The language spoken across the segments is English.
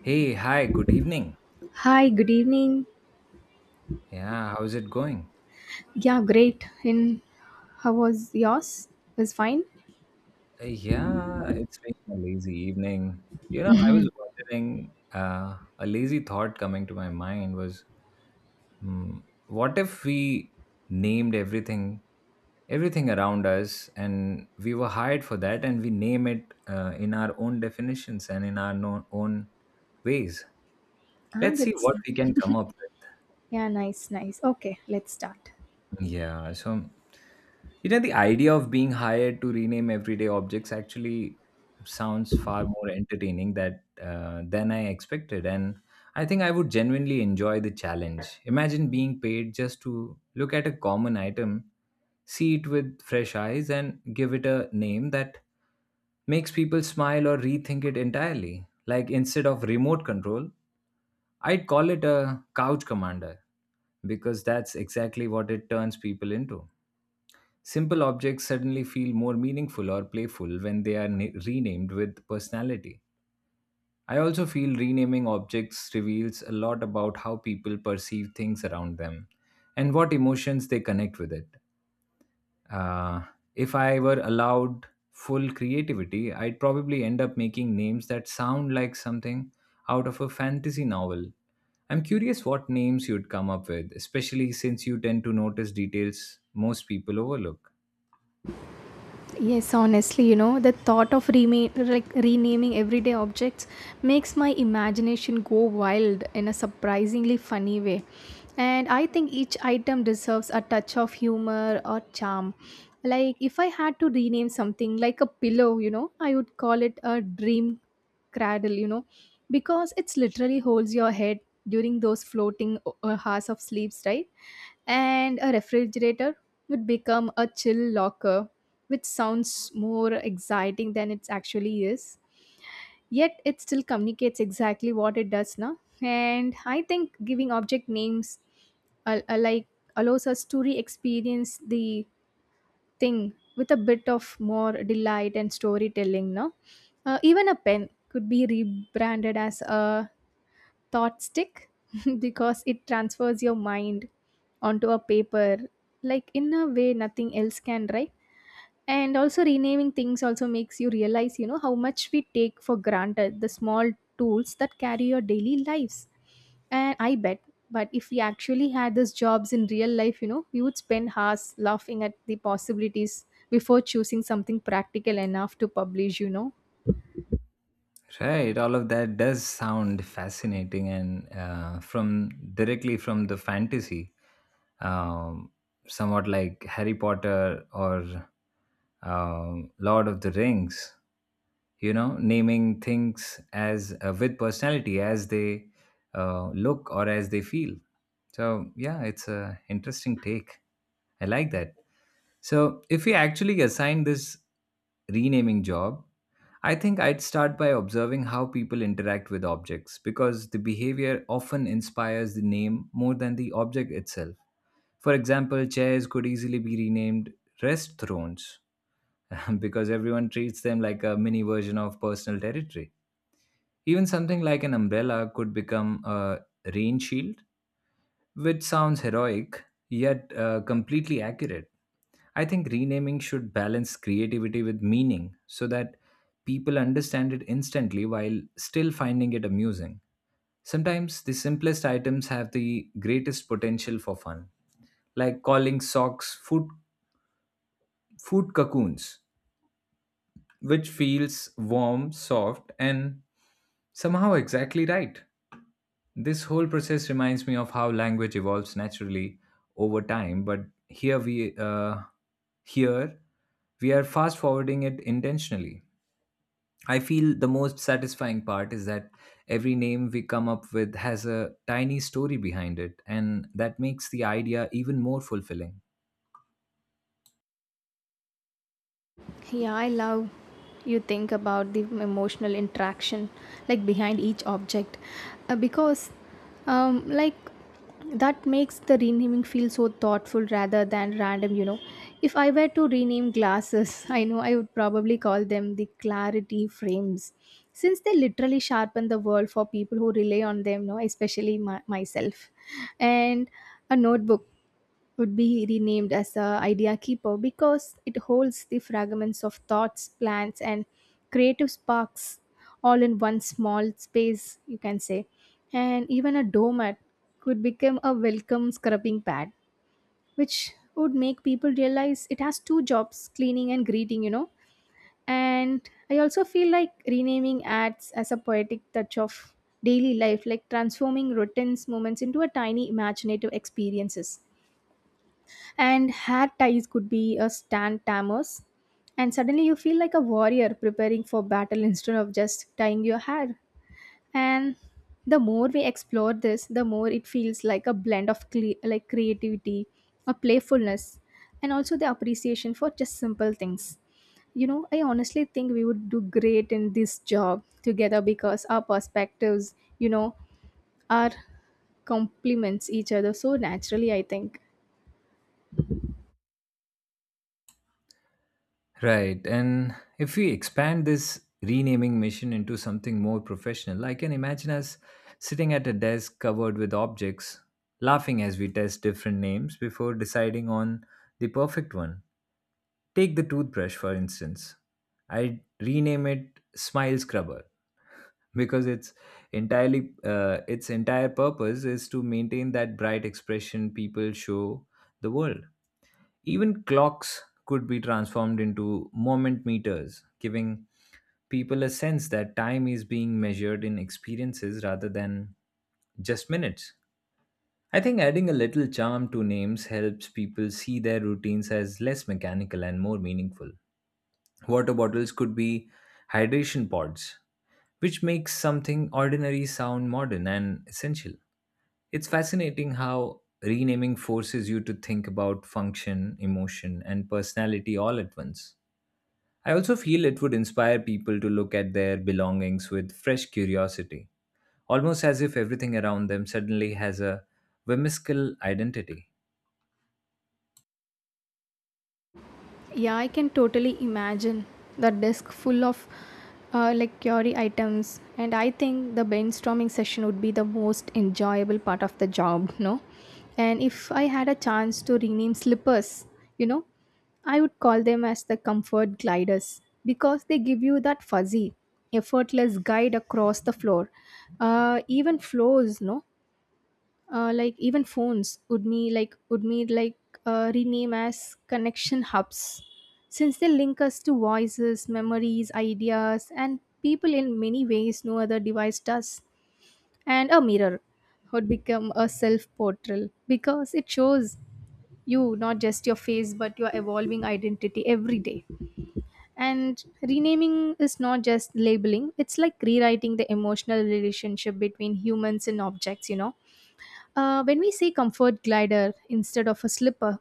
Hey, hi, good evening. Hi, good evening. Yeah, how's it going? Yeah, great. And how was yours? Was fine. Yeah, it's been a lazy evening. You know, I was wondering, a lazy thought coming to my mind was, what if we named everything, everything around us, and we were hired for that, and we name it in our own definitions and in our own ways? Ah, Let's see that's what we can come up with. yeah, nice, nice. Okay, let's start. Yeah, so you know the idea of being hired to rename everyday objects actually sounds far more entertaining that than I expected, and I think I would genuinely enjoy the challenge. Imagine being paid just to look at a common item, see it with fresh eyes, and give it a name that makes people smile or rethink it entirely. Like instead of remote control, I'd call it a couch commander because that's exactly what it turns people into. Simple objects suddenly feel more meaningful or playful when they are renamed with personality. I also feel renaming objects reveals a lot about how people perceive things around them and what emotions they connect with it. Uh, if I were allowed full creativity, I'd probably end up making names that sound like something out of a fantasy novel. I'm curious what names you'd come up with, especially since you tend to notice details most people overlook. Yes, honestly, you know, the thought of like renaming everyday objects makes my imagination go wild in a surprisingly funny way. And I think each item deserves a touch of humor or charm. Like, if I had to rename something like a pillow, you know, I would call it a dream cradle, you know, because it's literally holds your head during those floating hours of sleeps, right? And a refrigerator would become a chill locker which sounds more exciting than it actually is. Yet it still communicates exactly what it does now. And I think giving object names like allows us to re-experience the thing with a bit of more delight and storytelling. No, even a pen could be rebranded as a thought stick because it transfers your mind onto a paper like in a way nothing else can, right? And also renaming things also makes you realize, you know, how much we take for granted the small tools that carry your daily lives. And I bet but if we actually had these jobs in real life, you know, we would spend hours laughing at the possibilities before choosing something practical enough to publish, you know. Right, all of that does sound fascinating, and from directly from the fantasy, um, somewhat like Harry Potter or Lord of the Rings. You know, naming things as with personality as they look or as they feel. So yeah, it's a interesting take. I like that. So if we actually assign this renaming job, I think I'd start by observing how people interact with objects because the behavior often inspires the name more than the object itself. For example, chairs could easily be renamed rest thrones because everyone treats them like a mini version of personal territory. Even something like an umbrella could become a rain shield which sounds heroic yet completely accurate. I think renaming should balance creativity with meaning so that people understand it instantly while still finding it amusing. Sometimes the simplest items have the greatest potential for fun, like calling socks food, food cocoons, which feels warm, soft, and somehow exactly right. This whole process reminds me of how language evolves naturally over time, but here we uh, here we are fast forwarding it intentionally. I feel the most satisfying part is that every name we come up with has a tiny story behind it, and that makes the idea even more fulfilling. Yeah, I love you think about the emotional interaction like behind each object, because like that makes the renaming feel so thoughtful rather than random, you know. If I were to rename glasses, I know I would probably call them the clarity frames, since they literally sharpen the world for people who rely on them, no, especially myself. And a notebook would be renamed as the idea keeper because it holds the fragments of thoughts, plans, and creative sparks all in one small space, you can say. And even a doormat could become a welcome scrubbing pad, which would make people realize it has two jobs cleaning and greeting, you know. And I also feel like renaming ads as a poetic touch of daily life, like transforming routine moments into a tiny imaginative experiences. And hat ties could be a stand tamers, and suddenly you feel like a warrior preparing for battle instead of just tying your hair. And the more we explore this the more it feels like a blend of cle like creativity, a playfulness, and also the appreciation for just simple things, you know. I honestly think we would do great in this job together because our perspectives, you know, are complements each other so naturally, I think. Right. And if we expand this renaming mission into something more professional, I can imagine us sitting at a desk covered with objects, laughing as we test different names before deciding on the perfect one. Take the toothbrush, for instance. I'd rename it Smile Scrubber because it's entirely its entire purpose is to maintain that bright expression people show the world. Even clocks could be transformed into moment meters, giving people a sense that time is being measured in experiences rather than just minutes. I think adding a little charm to names helps people see their routines as less mechanical and more meaningful. Water bottles could be hydration pods, which makes something ordinary sound modern and essential. It's fascinating how renaming forces you to think about function, emotion, and personality all at once. I also feel it would inspire people to look at their belongings with fresh curiosity, almost as if everything around them suddenly has a whimsical identity. Yeah, I can totally imagine the desk full of like curry items, and I think the brainstorming session would be the most enjoyable part of the job, no? And if I had a chance to rename slippers, you know, I would call them as the comfort gliders because they give you that fuzzy, effortless guide across the floor, even floors, no? Like even phones would me like rename as connection hubs, since they link us to voices memories ideas and people in many ways no other device does. And a mirror would become a self portrait because it shows you not just your face but your evolving identity every day. And renaming is not just labeling, it's like rewriting the emotional relationship between humans and objects, you know. When we say comfort glider instead of a slipper,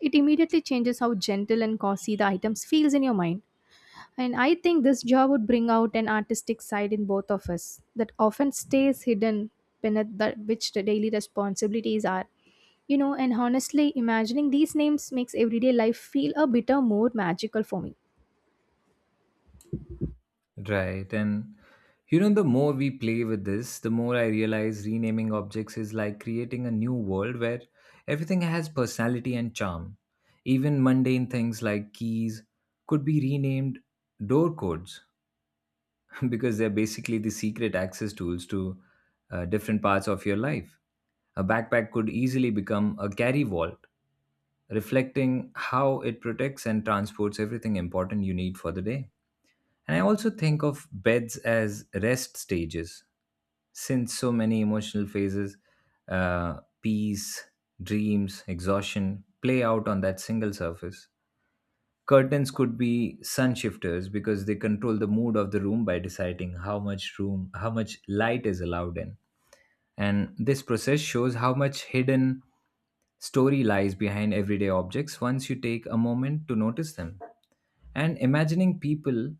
it immediately changes how gentle and cozy the items feels in your mind. And I think this job would bring out an artistic side in both of us that often stays hidden beneath the, which the daily responsibilities are. You know, and honestly, imagining these names makes everyday life feel a bit more magical for me. Right. And you know, the more we play with this, the more I realize renaming objects is like creating a new world where everything has personality and charm. Even mundane things like keys could be renamed door codes because they're basically the secret access tools to different parts of your life. A backpack could easily become a carry vault, reflecting how it protects and transports everything important you need for the day. And I also think of beds as rest stages, since so many emotional phases, peace, dreams, exhaustion, play out on that single surface. Curtains could be sun shifters because they control the mood of the room by deciding how much light is allowed in. And this process shows how much hidden story lies behind everyday objects once you take a moment to notice them. And imagining people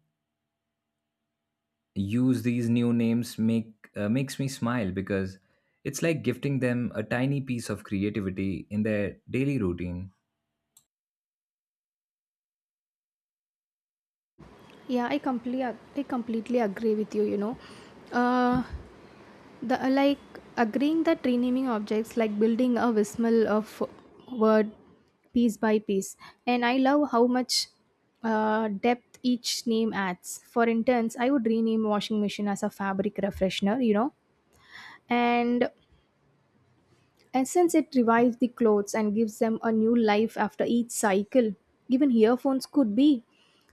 use these new names makes me smile because it's like gifting them a tiny piece of creativity in their daily routine. Yeah, I completely agree with you. You know, uh, the like agreeing that renaming objects like building a whistle of word piece by piece, and I love how much depth each name adds. For instance, I would rename washing machine as a fabric refreshener, you know, and since it revives the clothes and gives them a new life after each cycle. Even earphones could be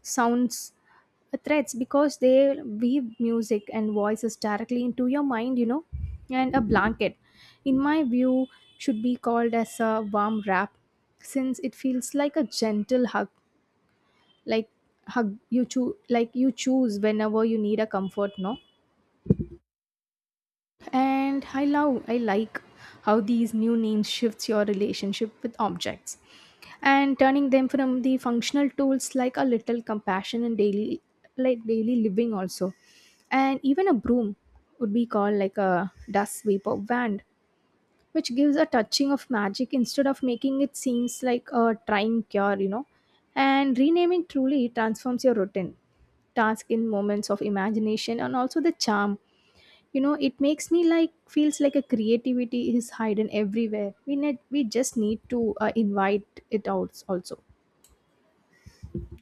sounds threats because they weave music and voices directly into your mind, you know. And a blanket, in my view, should be called as a warm wrap since it feels like a gentle hug, like hug you choose like you choose whenever you need a comfort, no? And I like how these new names shifts your relationship with objects and turning them from the functional tools like a little compassion and daily daily living also. And even a broom would be called like a dust sweep wand which gives a touching of magic instead of making it seems like a trying cure, you know. And renaming truly transforms your routine task in moments of imagination and also the charm, you know. It makes me like feels like a creativity is hidden everywhere. We just need to invite it out also.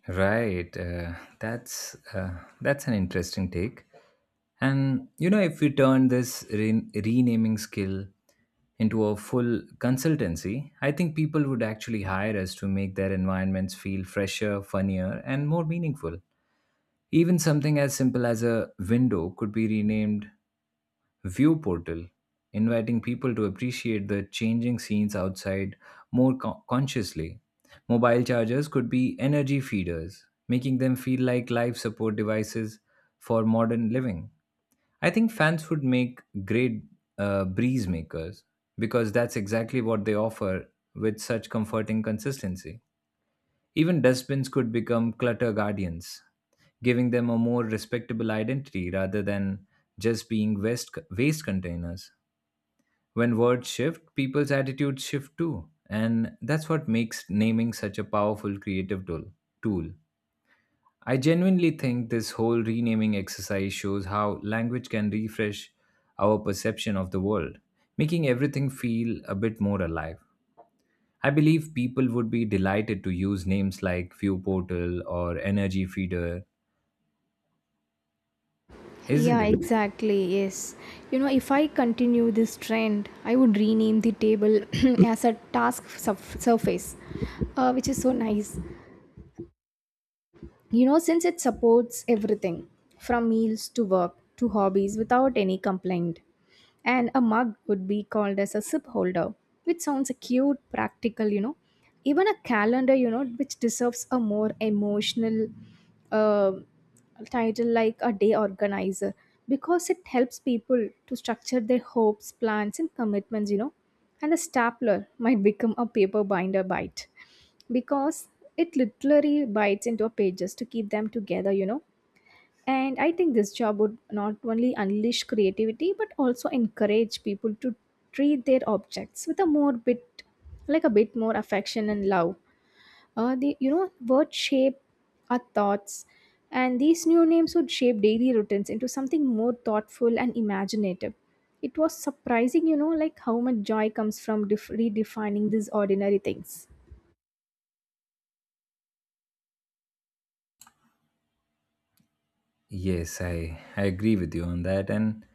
Right, that's uh, that's an interesting take. And you know, if we turn this renaming skill into a full consultancy, I think people would actually hire us to make their environments feel fresher, funnier, and more meaningful. Even something as simple as a window could be renamed view portal, inviting people to appreciate the changing scenes outside more consciously. Mobile chargers could be energy feeders, making them feel like life support devices for modern living. I think fans would make great breeze makers because that's exactly what they offer with such comforting consistency. Even dustbins could become clutter guardians, giving them a more respectable identity rather than just being waste containers. When words shift, people's attitudes shift too. And that's what makes naming such a powerful creative tool. I genuinely think this whole renaming exercise shows how language can refresh our perception of the world, making everything feel a bit more alive. I believe people would be delighted to use names like View Portal or Energy Feeder, isn't Yeah, it? exactly. Yes. You know, if I continue this trend, I would rename the table as a surface, which is so nice. You know, since it supports everything from meals to work to hobbies without any complaint. And a mug would be called as a sip holder which sounds a cute practical, you know. Even a calendar, you know, which deserves a more emotional uh, title like a day organizer because it helps people to structure their hopes plans and commitments, you know. And a stapler might become a paper binder bite because it literally bites into pages to keep them together, you know. And I think this job would not only unleash creativity but also encourage people to treat their objects with a more bit like a bit more affection and love. The you know words shape our thoughts, and these new names would shape daily routines into something more thoughtful and imaginative. It was surprising, you know, like how much joy comes from redefining these ordinary things. Yes, I agree with you on that. And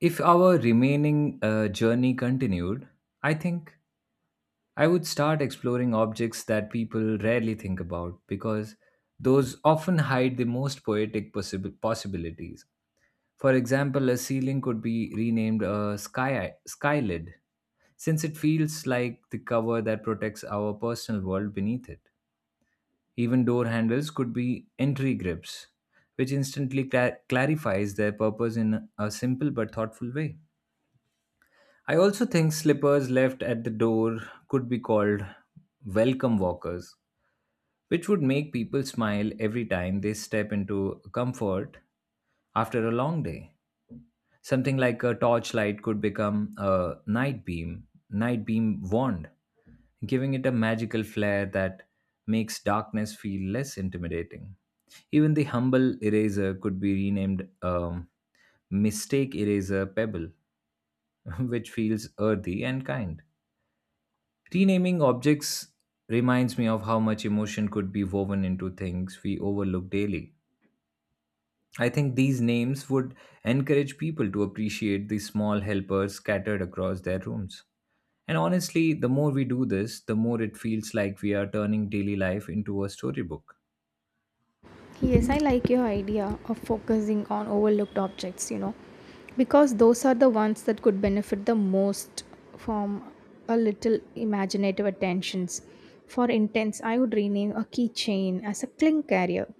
if our remaining journey continued, I think I would start exploring objects that people rarely think about because those often hide the most poetic possibilities. For example, a ceiling could be renamed a sky skylid since it feels like the cover that protects our personal world beneath it. Even door handles could be entry grips, which instantly clarifies their purpose in a simple but thoughtful way. I also think slippers left at the door could be called welcome walkers, which would make people smile every time they step into comfort after a long day. Something like a torchlight could become a night beam wand, giving it a magical flair that makes darkness feel less intimidating. Even the humble eraser could be renamed mistake eraser pebble which feels earthy and kind. Renaming objects reminds me of how much emotion could be woven into things we overlook daily. I think these names would encourage people to appreciate the small helpers scattered across their rooms. And honestly, the more we do this, the more it feels like we are turning daily life into a storybook. Yes, I like your idea of focusing on overlooked objects, you know, because those are the ones that could benefit the most from a little imaginative attentions. For intense, I would rename a keychain as a cling carrier,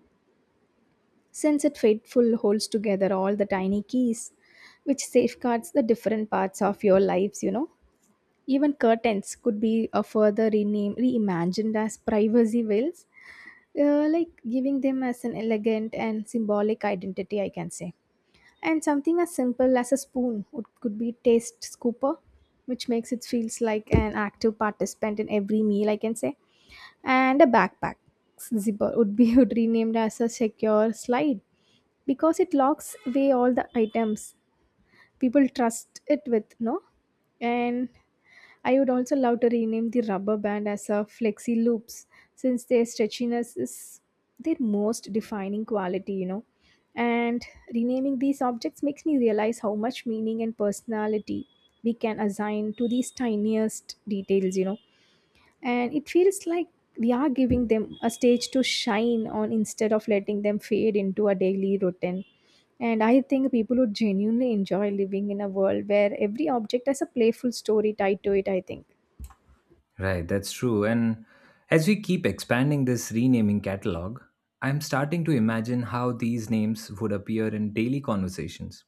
since it faithful holds together all the tiny keys, which safeguards the different parts of your lives, you know. Even curtains could be a further rename reimagined as privacy veils, like giving them as an elegant and symbolic identity, I can say. And something as simple as a spoon could be taste scooper which makes it feels like an active participant in every meal, I can say. And a backpack zipper would be would renamed as a secure slide because it locks away all the items people trust it with, no. And I would also love to rename the rubber band as a flexi loops since their stretchiness is their most defining quality, you know. And renaming these objects makes me realize how much meaning and personality we can assign to these tiniest details, you know. And it feels like we are giving them a stage to shine on instead of letting them fade into a daily routine. And I think people would genuinely enjoy living in a world where every object has a playful story tied to it, I think. Right, that's true. And as we keep expanding this renaming catalog, I'm starting to imagine how these names would appear in daily conversations.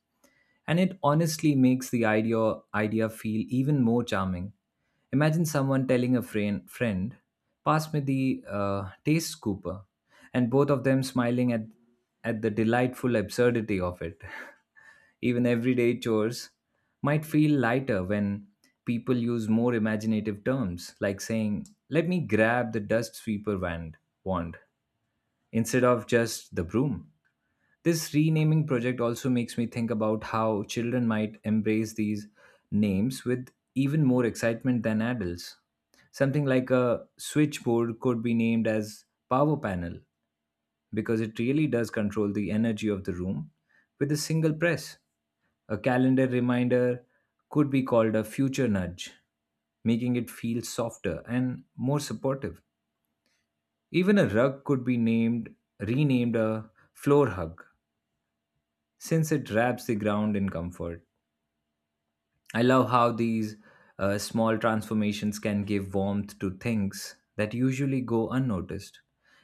And it honestly makes the idea feel even more charming. Imagine someone telling a friend, pass me the taste scooper, and both of them smiling at the delightful absurdity of it. Even everyday chores might feel lighter when people use more imaginative terms, like saying, let me grab the dust sweeper wand instead of just the broom. This renaming project also makes me think about how children might embrace these names with even more excitement than adults. Something like a switchboard could be named as power panel because it really does control the energy of the room with a single press. A calendar reminder could be called a future nudge, making it feel softer and more supportive. Even a rug could be named renamed a floor hug since it wraps the ground in comfort. I love how these small transformations can give warmth to things that usually go unnoticed.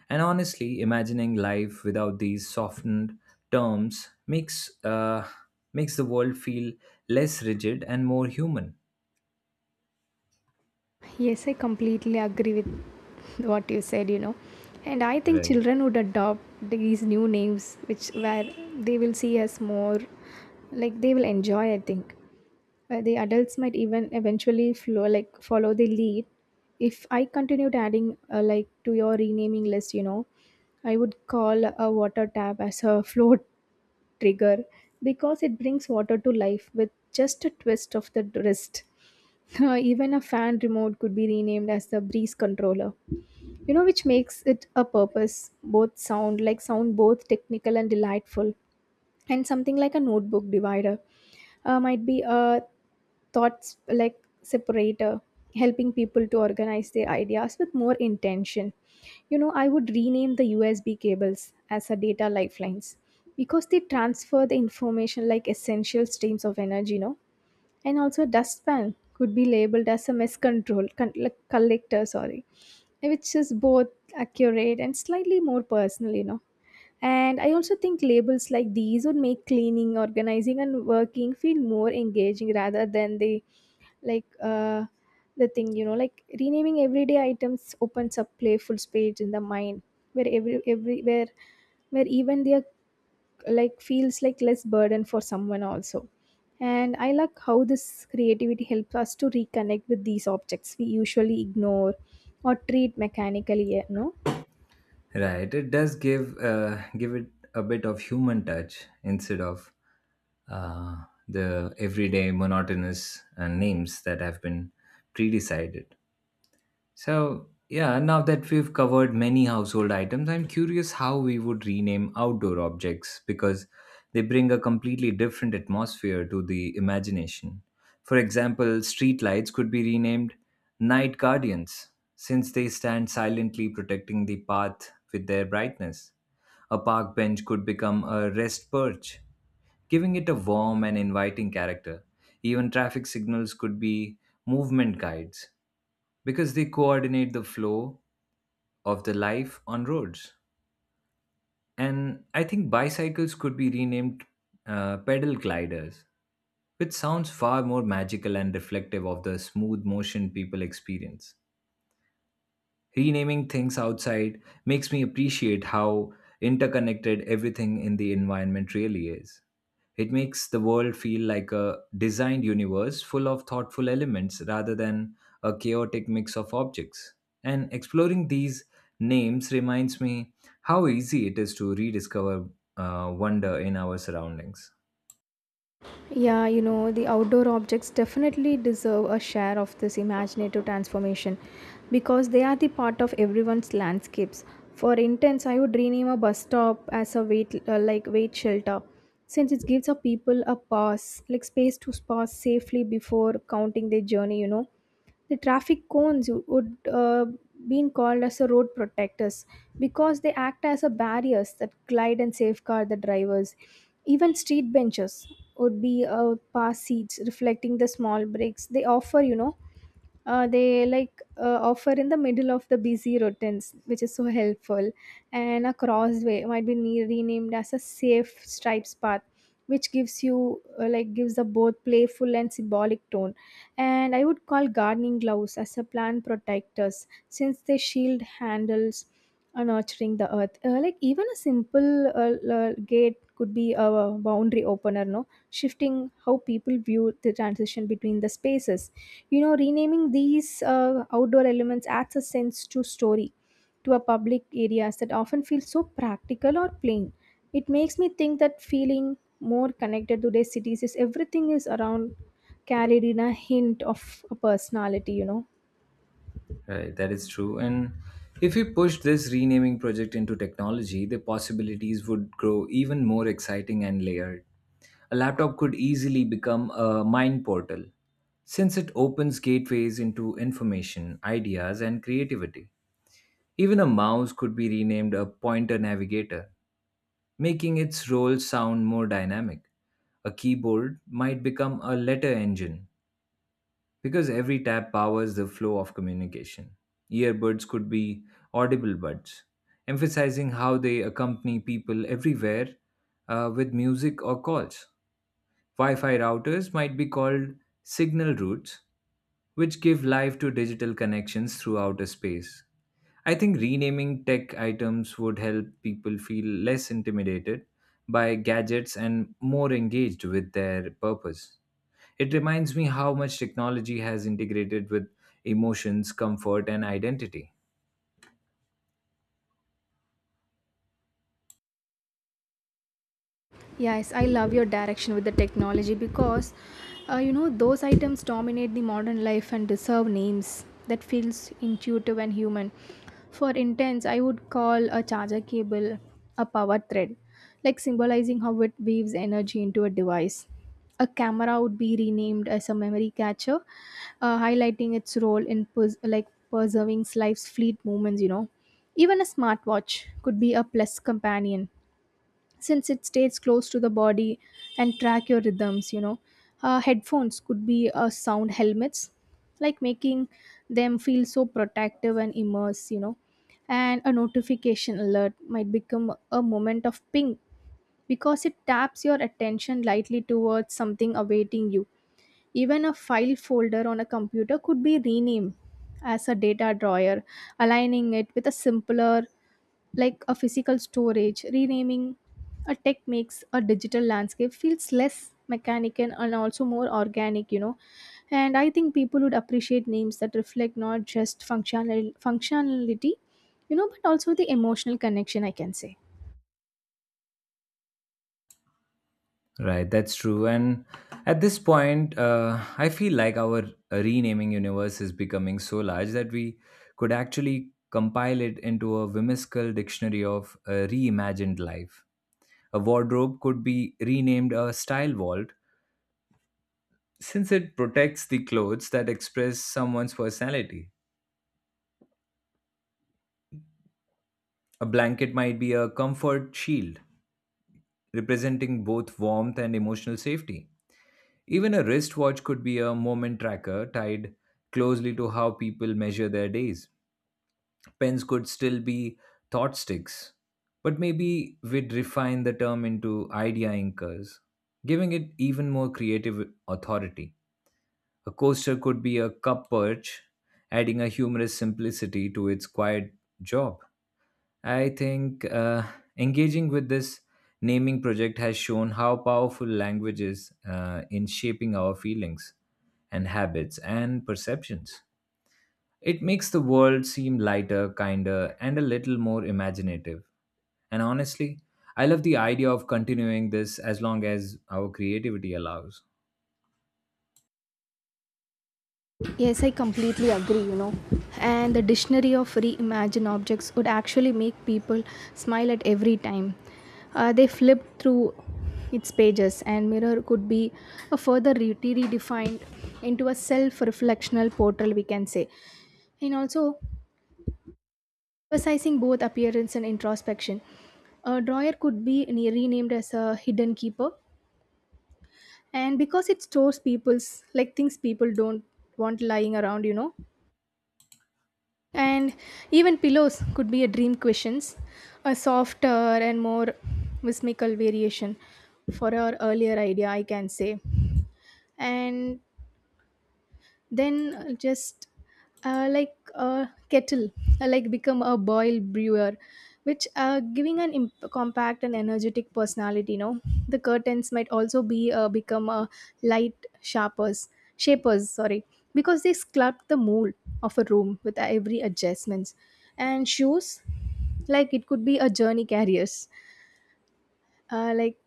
And honestly, imagining life without these softened terms makes the world feel less rigid and more human. Yes, I completely agree with what you said, you know. And I think Right. children would adopt these new names, which where they will see us more, like they will enjoy, I think. The adults might even eventually like follow the lead. If I continued adding like to your renaming list, you know, I would call a water tap as a float trigger because it brings water to life with just a twist of the wrist. Even a fan remote could be renamed as the breeze controller, you know, which makes it a purpose both sound both technical and delightful. And something like a notebook divider might be a thoughts like separator, helping people to organize their ideas with more intention, you know. I would rename the USB cables as a data lifelines because they transfer the information like essential streams of energy, no. And also dustpan could be labeled as a mess control con- like collector, sorry, which is both accurate and slightly more personal, you know. And I also think labels like these would make cleaning, organizing, and working feel more engaging rather than like uh, the thing. Like renaming everyday items opens up playful space in the mind where every where even their like feels like less burden for someone also. And I like how this creativity helps us to reconnect with these objects we usually ignore or treat mechanically, you know. Right. It does give it a bit of human touch instead of uh, the everyday monotonous names that have been pre-decided. So, yeah, now that we've covered many household items, I'm curious how we would rename outdoor objects because they bring a completely different atmosphere to the imagination. For example, streetlights could be renamed night guardians since they stand silently protecting the path with their brightness. A park bench could become a rest perch, giving it a warm and inviting character. Even traffic signals could be movement guides because they coordinate the flow of the life on roads. And I think bicycles could be renamed pedal gliders, which sounds far more magical and reflective of the smooth motion people experience. Renaming things outside makes me appreciate how interconnected everything in the environment really is. It makes the world feel like a designed universe full of thoughtful elements rather than a chaotic mix of objects. And exploring these names reminds me how easy it is to rediscover wonder in our surroundings. Yeah, you know, the outdoor objects definitely deserve a share of this imaginative transformation because they are the part of everyone's landscapes. For instance, I would rename a bus stop as a wait shelter, since it gives a people a pause like space to pause safely before counting their journey, you know. The traffic cones would been called as the road protectors because they act as a barriers that glide and safeguard the drivers. Even street benches would be pass seats, reflecting the small breaks they offer. You know, they offer in the middle of the busy routines, which is so helpful. And a crossway might be renamed as a safe stripes path, which gives you like gives a both playful and symbolic tone. And I would call gardening gloves as a plant protectors since they shield handles are nurturing the earth. Like even a simple gate could be a boundary opener, no, shifting how people view the transition between the spaces, you know. Renaming these outdoor elements adds a sense to story to a public areas that often feel so practical or plain. It makes me think that feeling more connected to their cities is everything is around carried in a hint of a personality, you know. Right, that is true. And if we push this renaming project into technology, the possibilities would grow even more exciting and layered. A laptop could easily become a mind portal, since it opens gateways into information, ideas, and creativity. Even a mouse could be renamed a pointer navigator, making its role sound more dynamic. A keyboard might become a letter engine, because every tap powers the flow of communication. Earbuds could be audible buds, emphasizing how they accompany people everywhere with music or calls. Wi Fi routers might be called signal routes, which give life to digital connections throughout a space. I think renaming tech items would help people feel less intimidated by gadgets and more engaged with their purpose. It reminds me how much technology has integrated with emotions, comfort, and identity. Yes, I love your direction with the technology because you know, those items dominate the modern life and deserve names that feels intuitive and human. For intense, I would call a charger cable a power thread, like symbolizing how it weaves energy into a device. A camera would be renamed as a memory catcher, highlighting its role in preserving life's fleet moments. You know, even a smartwatch could be a plus companion since it stays close to the body and track your rhythms, you know. Headphones could be sound helmets, like making them feel so protective and immerse, you know. And a notification alert might become a moment of ping because it taps your attention lightly towards something awaiting you. Even a file folder on a computer could be renamed as a data drawer, aligning it with a simpler like a physical storage. Renaming a tech makes a digital landscape feels less mechanical and also more organic, you know. And I think people would appreciate names that reflect not just functionality, you know, but also the emotional connection, I can say. Right, that's true. And at this point, I feel like our renaming universe is becoming so large that we could actually compile it into a whimsical dictionary of reimagined life. A wardrobe could be renamed a style vault since it protects the clothes that express someone's personality. A blanket might be a comfort shield, representing both warmth and emotional safety. Even a wristwatch could be a moment tracker tied closely to how people measure their days. Pens could still be thought sticks, but maybe we'd refine the term into idea inkers, giving it even more creative authority. A coaster could be a cup perch, adding a humorous simplicity to its quiet job. I think engaging with this naming project has shown how powerful language is in shaping our feelings and habits and perceptions. It makes the world seem lighter, kinder, and a little more imaginative. And honestly, I love the idea of continuing this as long as our creativity allows. Yes, I completely agree, you know. And the dictionary of reimagined objects would actually make people smile at every time. They flip through its pages, and mirror could be a further redefined into a self reflectional portal, we can say. And also, emphasizing both appearance and introspection, a drawer could be renamed as a hidden keeper. And because it stores people's, like things people don't want lying around, you know. And even pillows could be a dream questions, a softer and more whimsical variation for our earlier idea, I can say. And then just like a kettle like become a boil brewer, which giving an compact and energetic personality, you know. The curtains might also be become a light sharpers shapers, sorry, because they sculpt the mold of a room with every adjustments. And shoes, like it could be a journey carriers, like,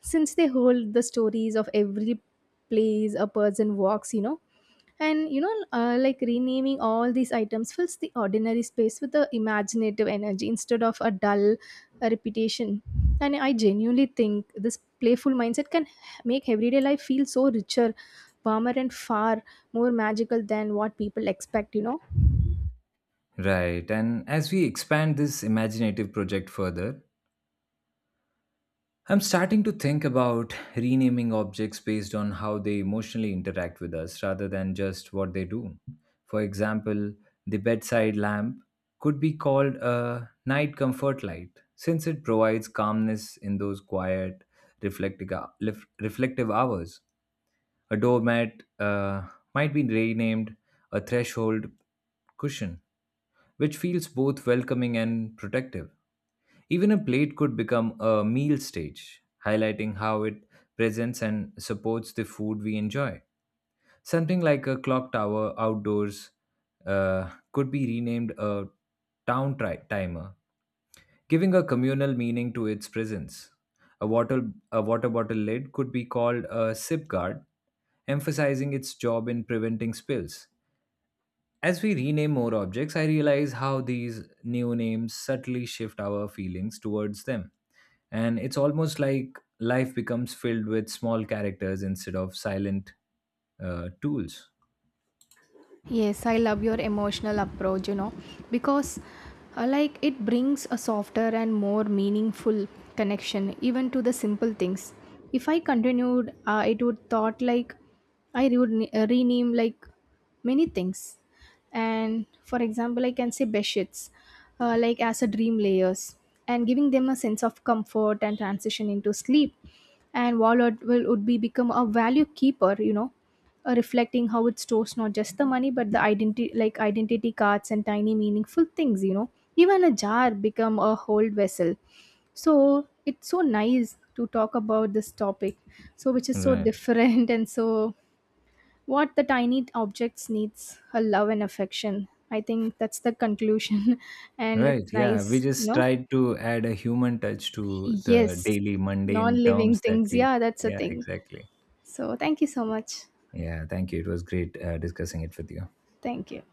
since they hold the stories of every place a person walks, you know. And you know, like renaming all these items fills the ordinary space with the imaginative energy instead of a dull repetition. And I genuinely think this playful mindset can make everyday life feel so richer, warmer, and far more magical than what people expect, you know. Right, and as we expand this imaginative project further, I'm starting to think about renaming objects based on how they emotionally interact with us rather than just what they do. For example, the bedside lamp could be called a night comfort light since it provides calmness in those quiet, reflective, reflective hours. A doormat might be renamed a threshold cushion, which feels both welcoming and protective. Even a plate could become a meal stage, highlighting how it presents and supports the food we enjoy. Something like a clock tower outdoors could be renamed a town timer giving a communal meaning to its presence. A a water bottle lid could be called a sip guard, emphasizing its job in preventing spills. As we rename more objects, I realize how these new names subtly shift our feelings towards them. And it's almost like life becomes filled with small characters instead of silent tools. Yes, I love your emotional approach, you know, because like it brings a softer and more meaningful connection even to the simple things. If I continued, it would thought like I would rename like many things. And for example, I can say bedsheets like as a dream layers, and giving them a sense of comfort and transition into sleep. And wallet will would be become a value keeper, you know, reflecting how it stores not just the money but the identity, like identity cards and tiny meaningful things, you know. Even a jar become a whole vessel. So it's so nice to talk about this topic, so which is so Right. different and so what the tiny objects needs a love and affection. I think that's the conclusion and Right, it's yeah. We nice, you just know. tried to add a human touch to the Yes, daily mundane non-living terms that things, we. yeah, that's a Yeah, thing. exactly. So thank you so much. Yeah, thank you. It was great discussing it with you. Thank you.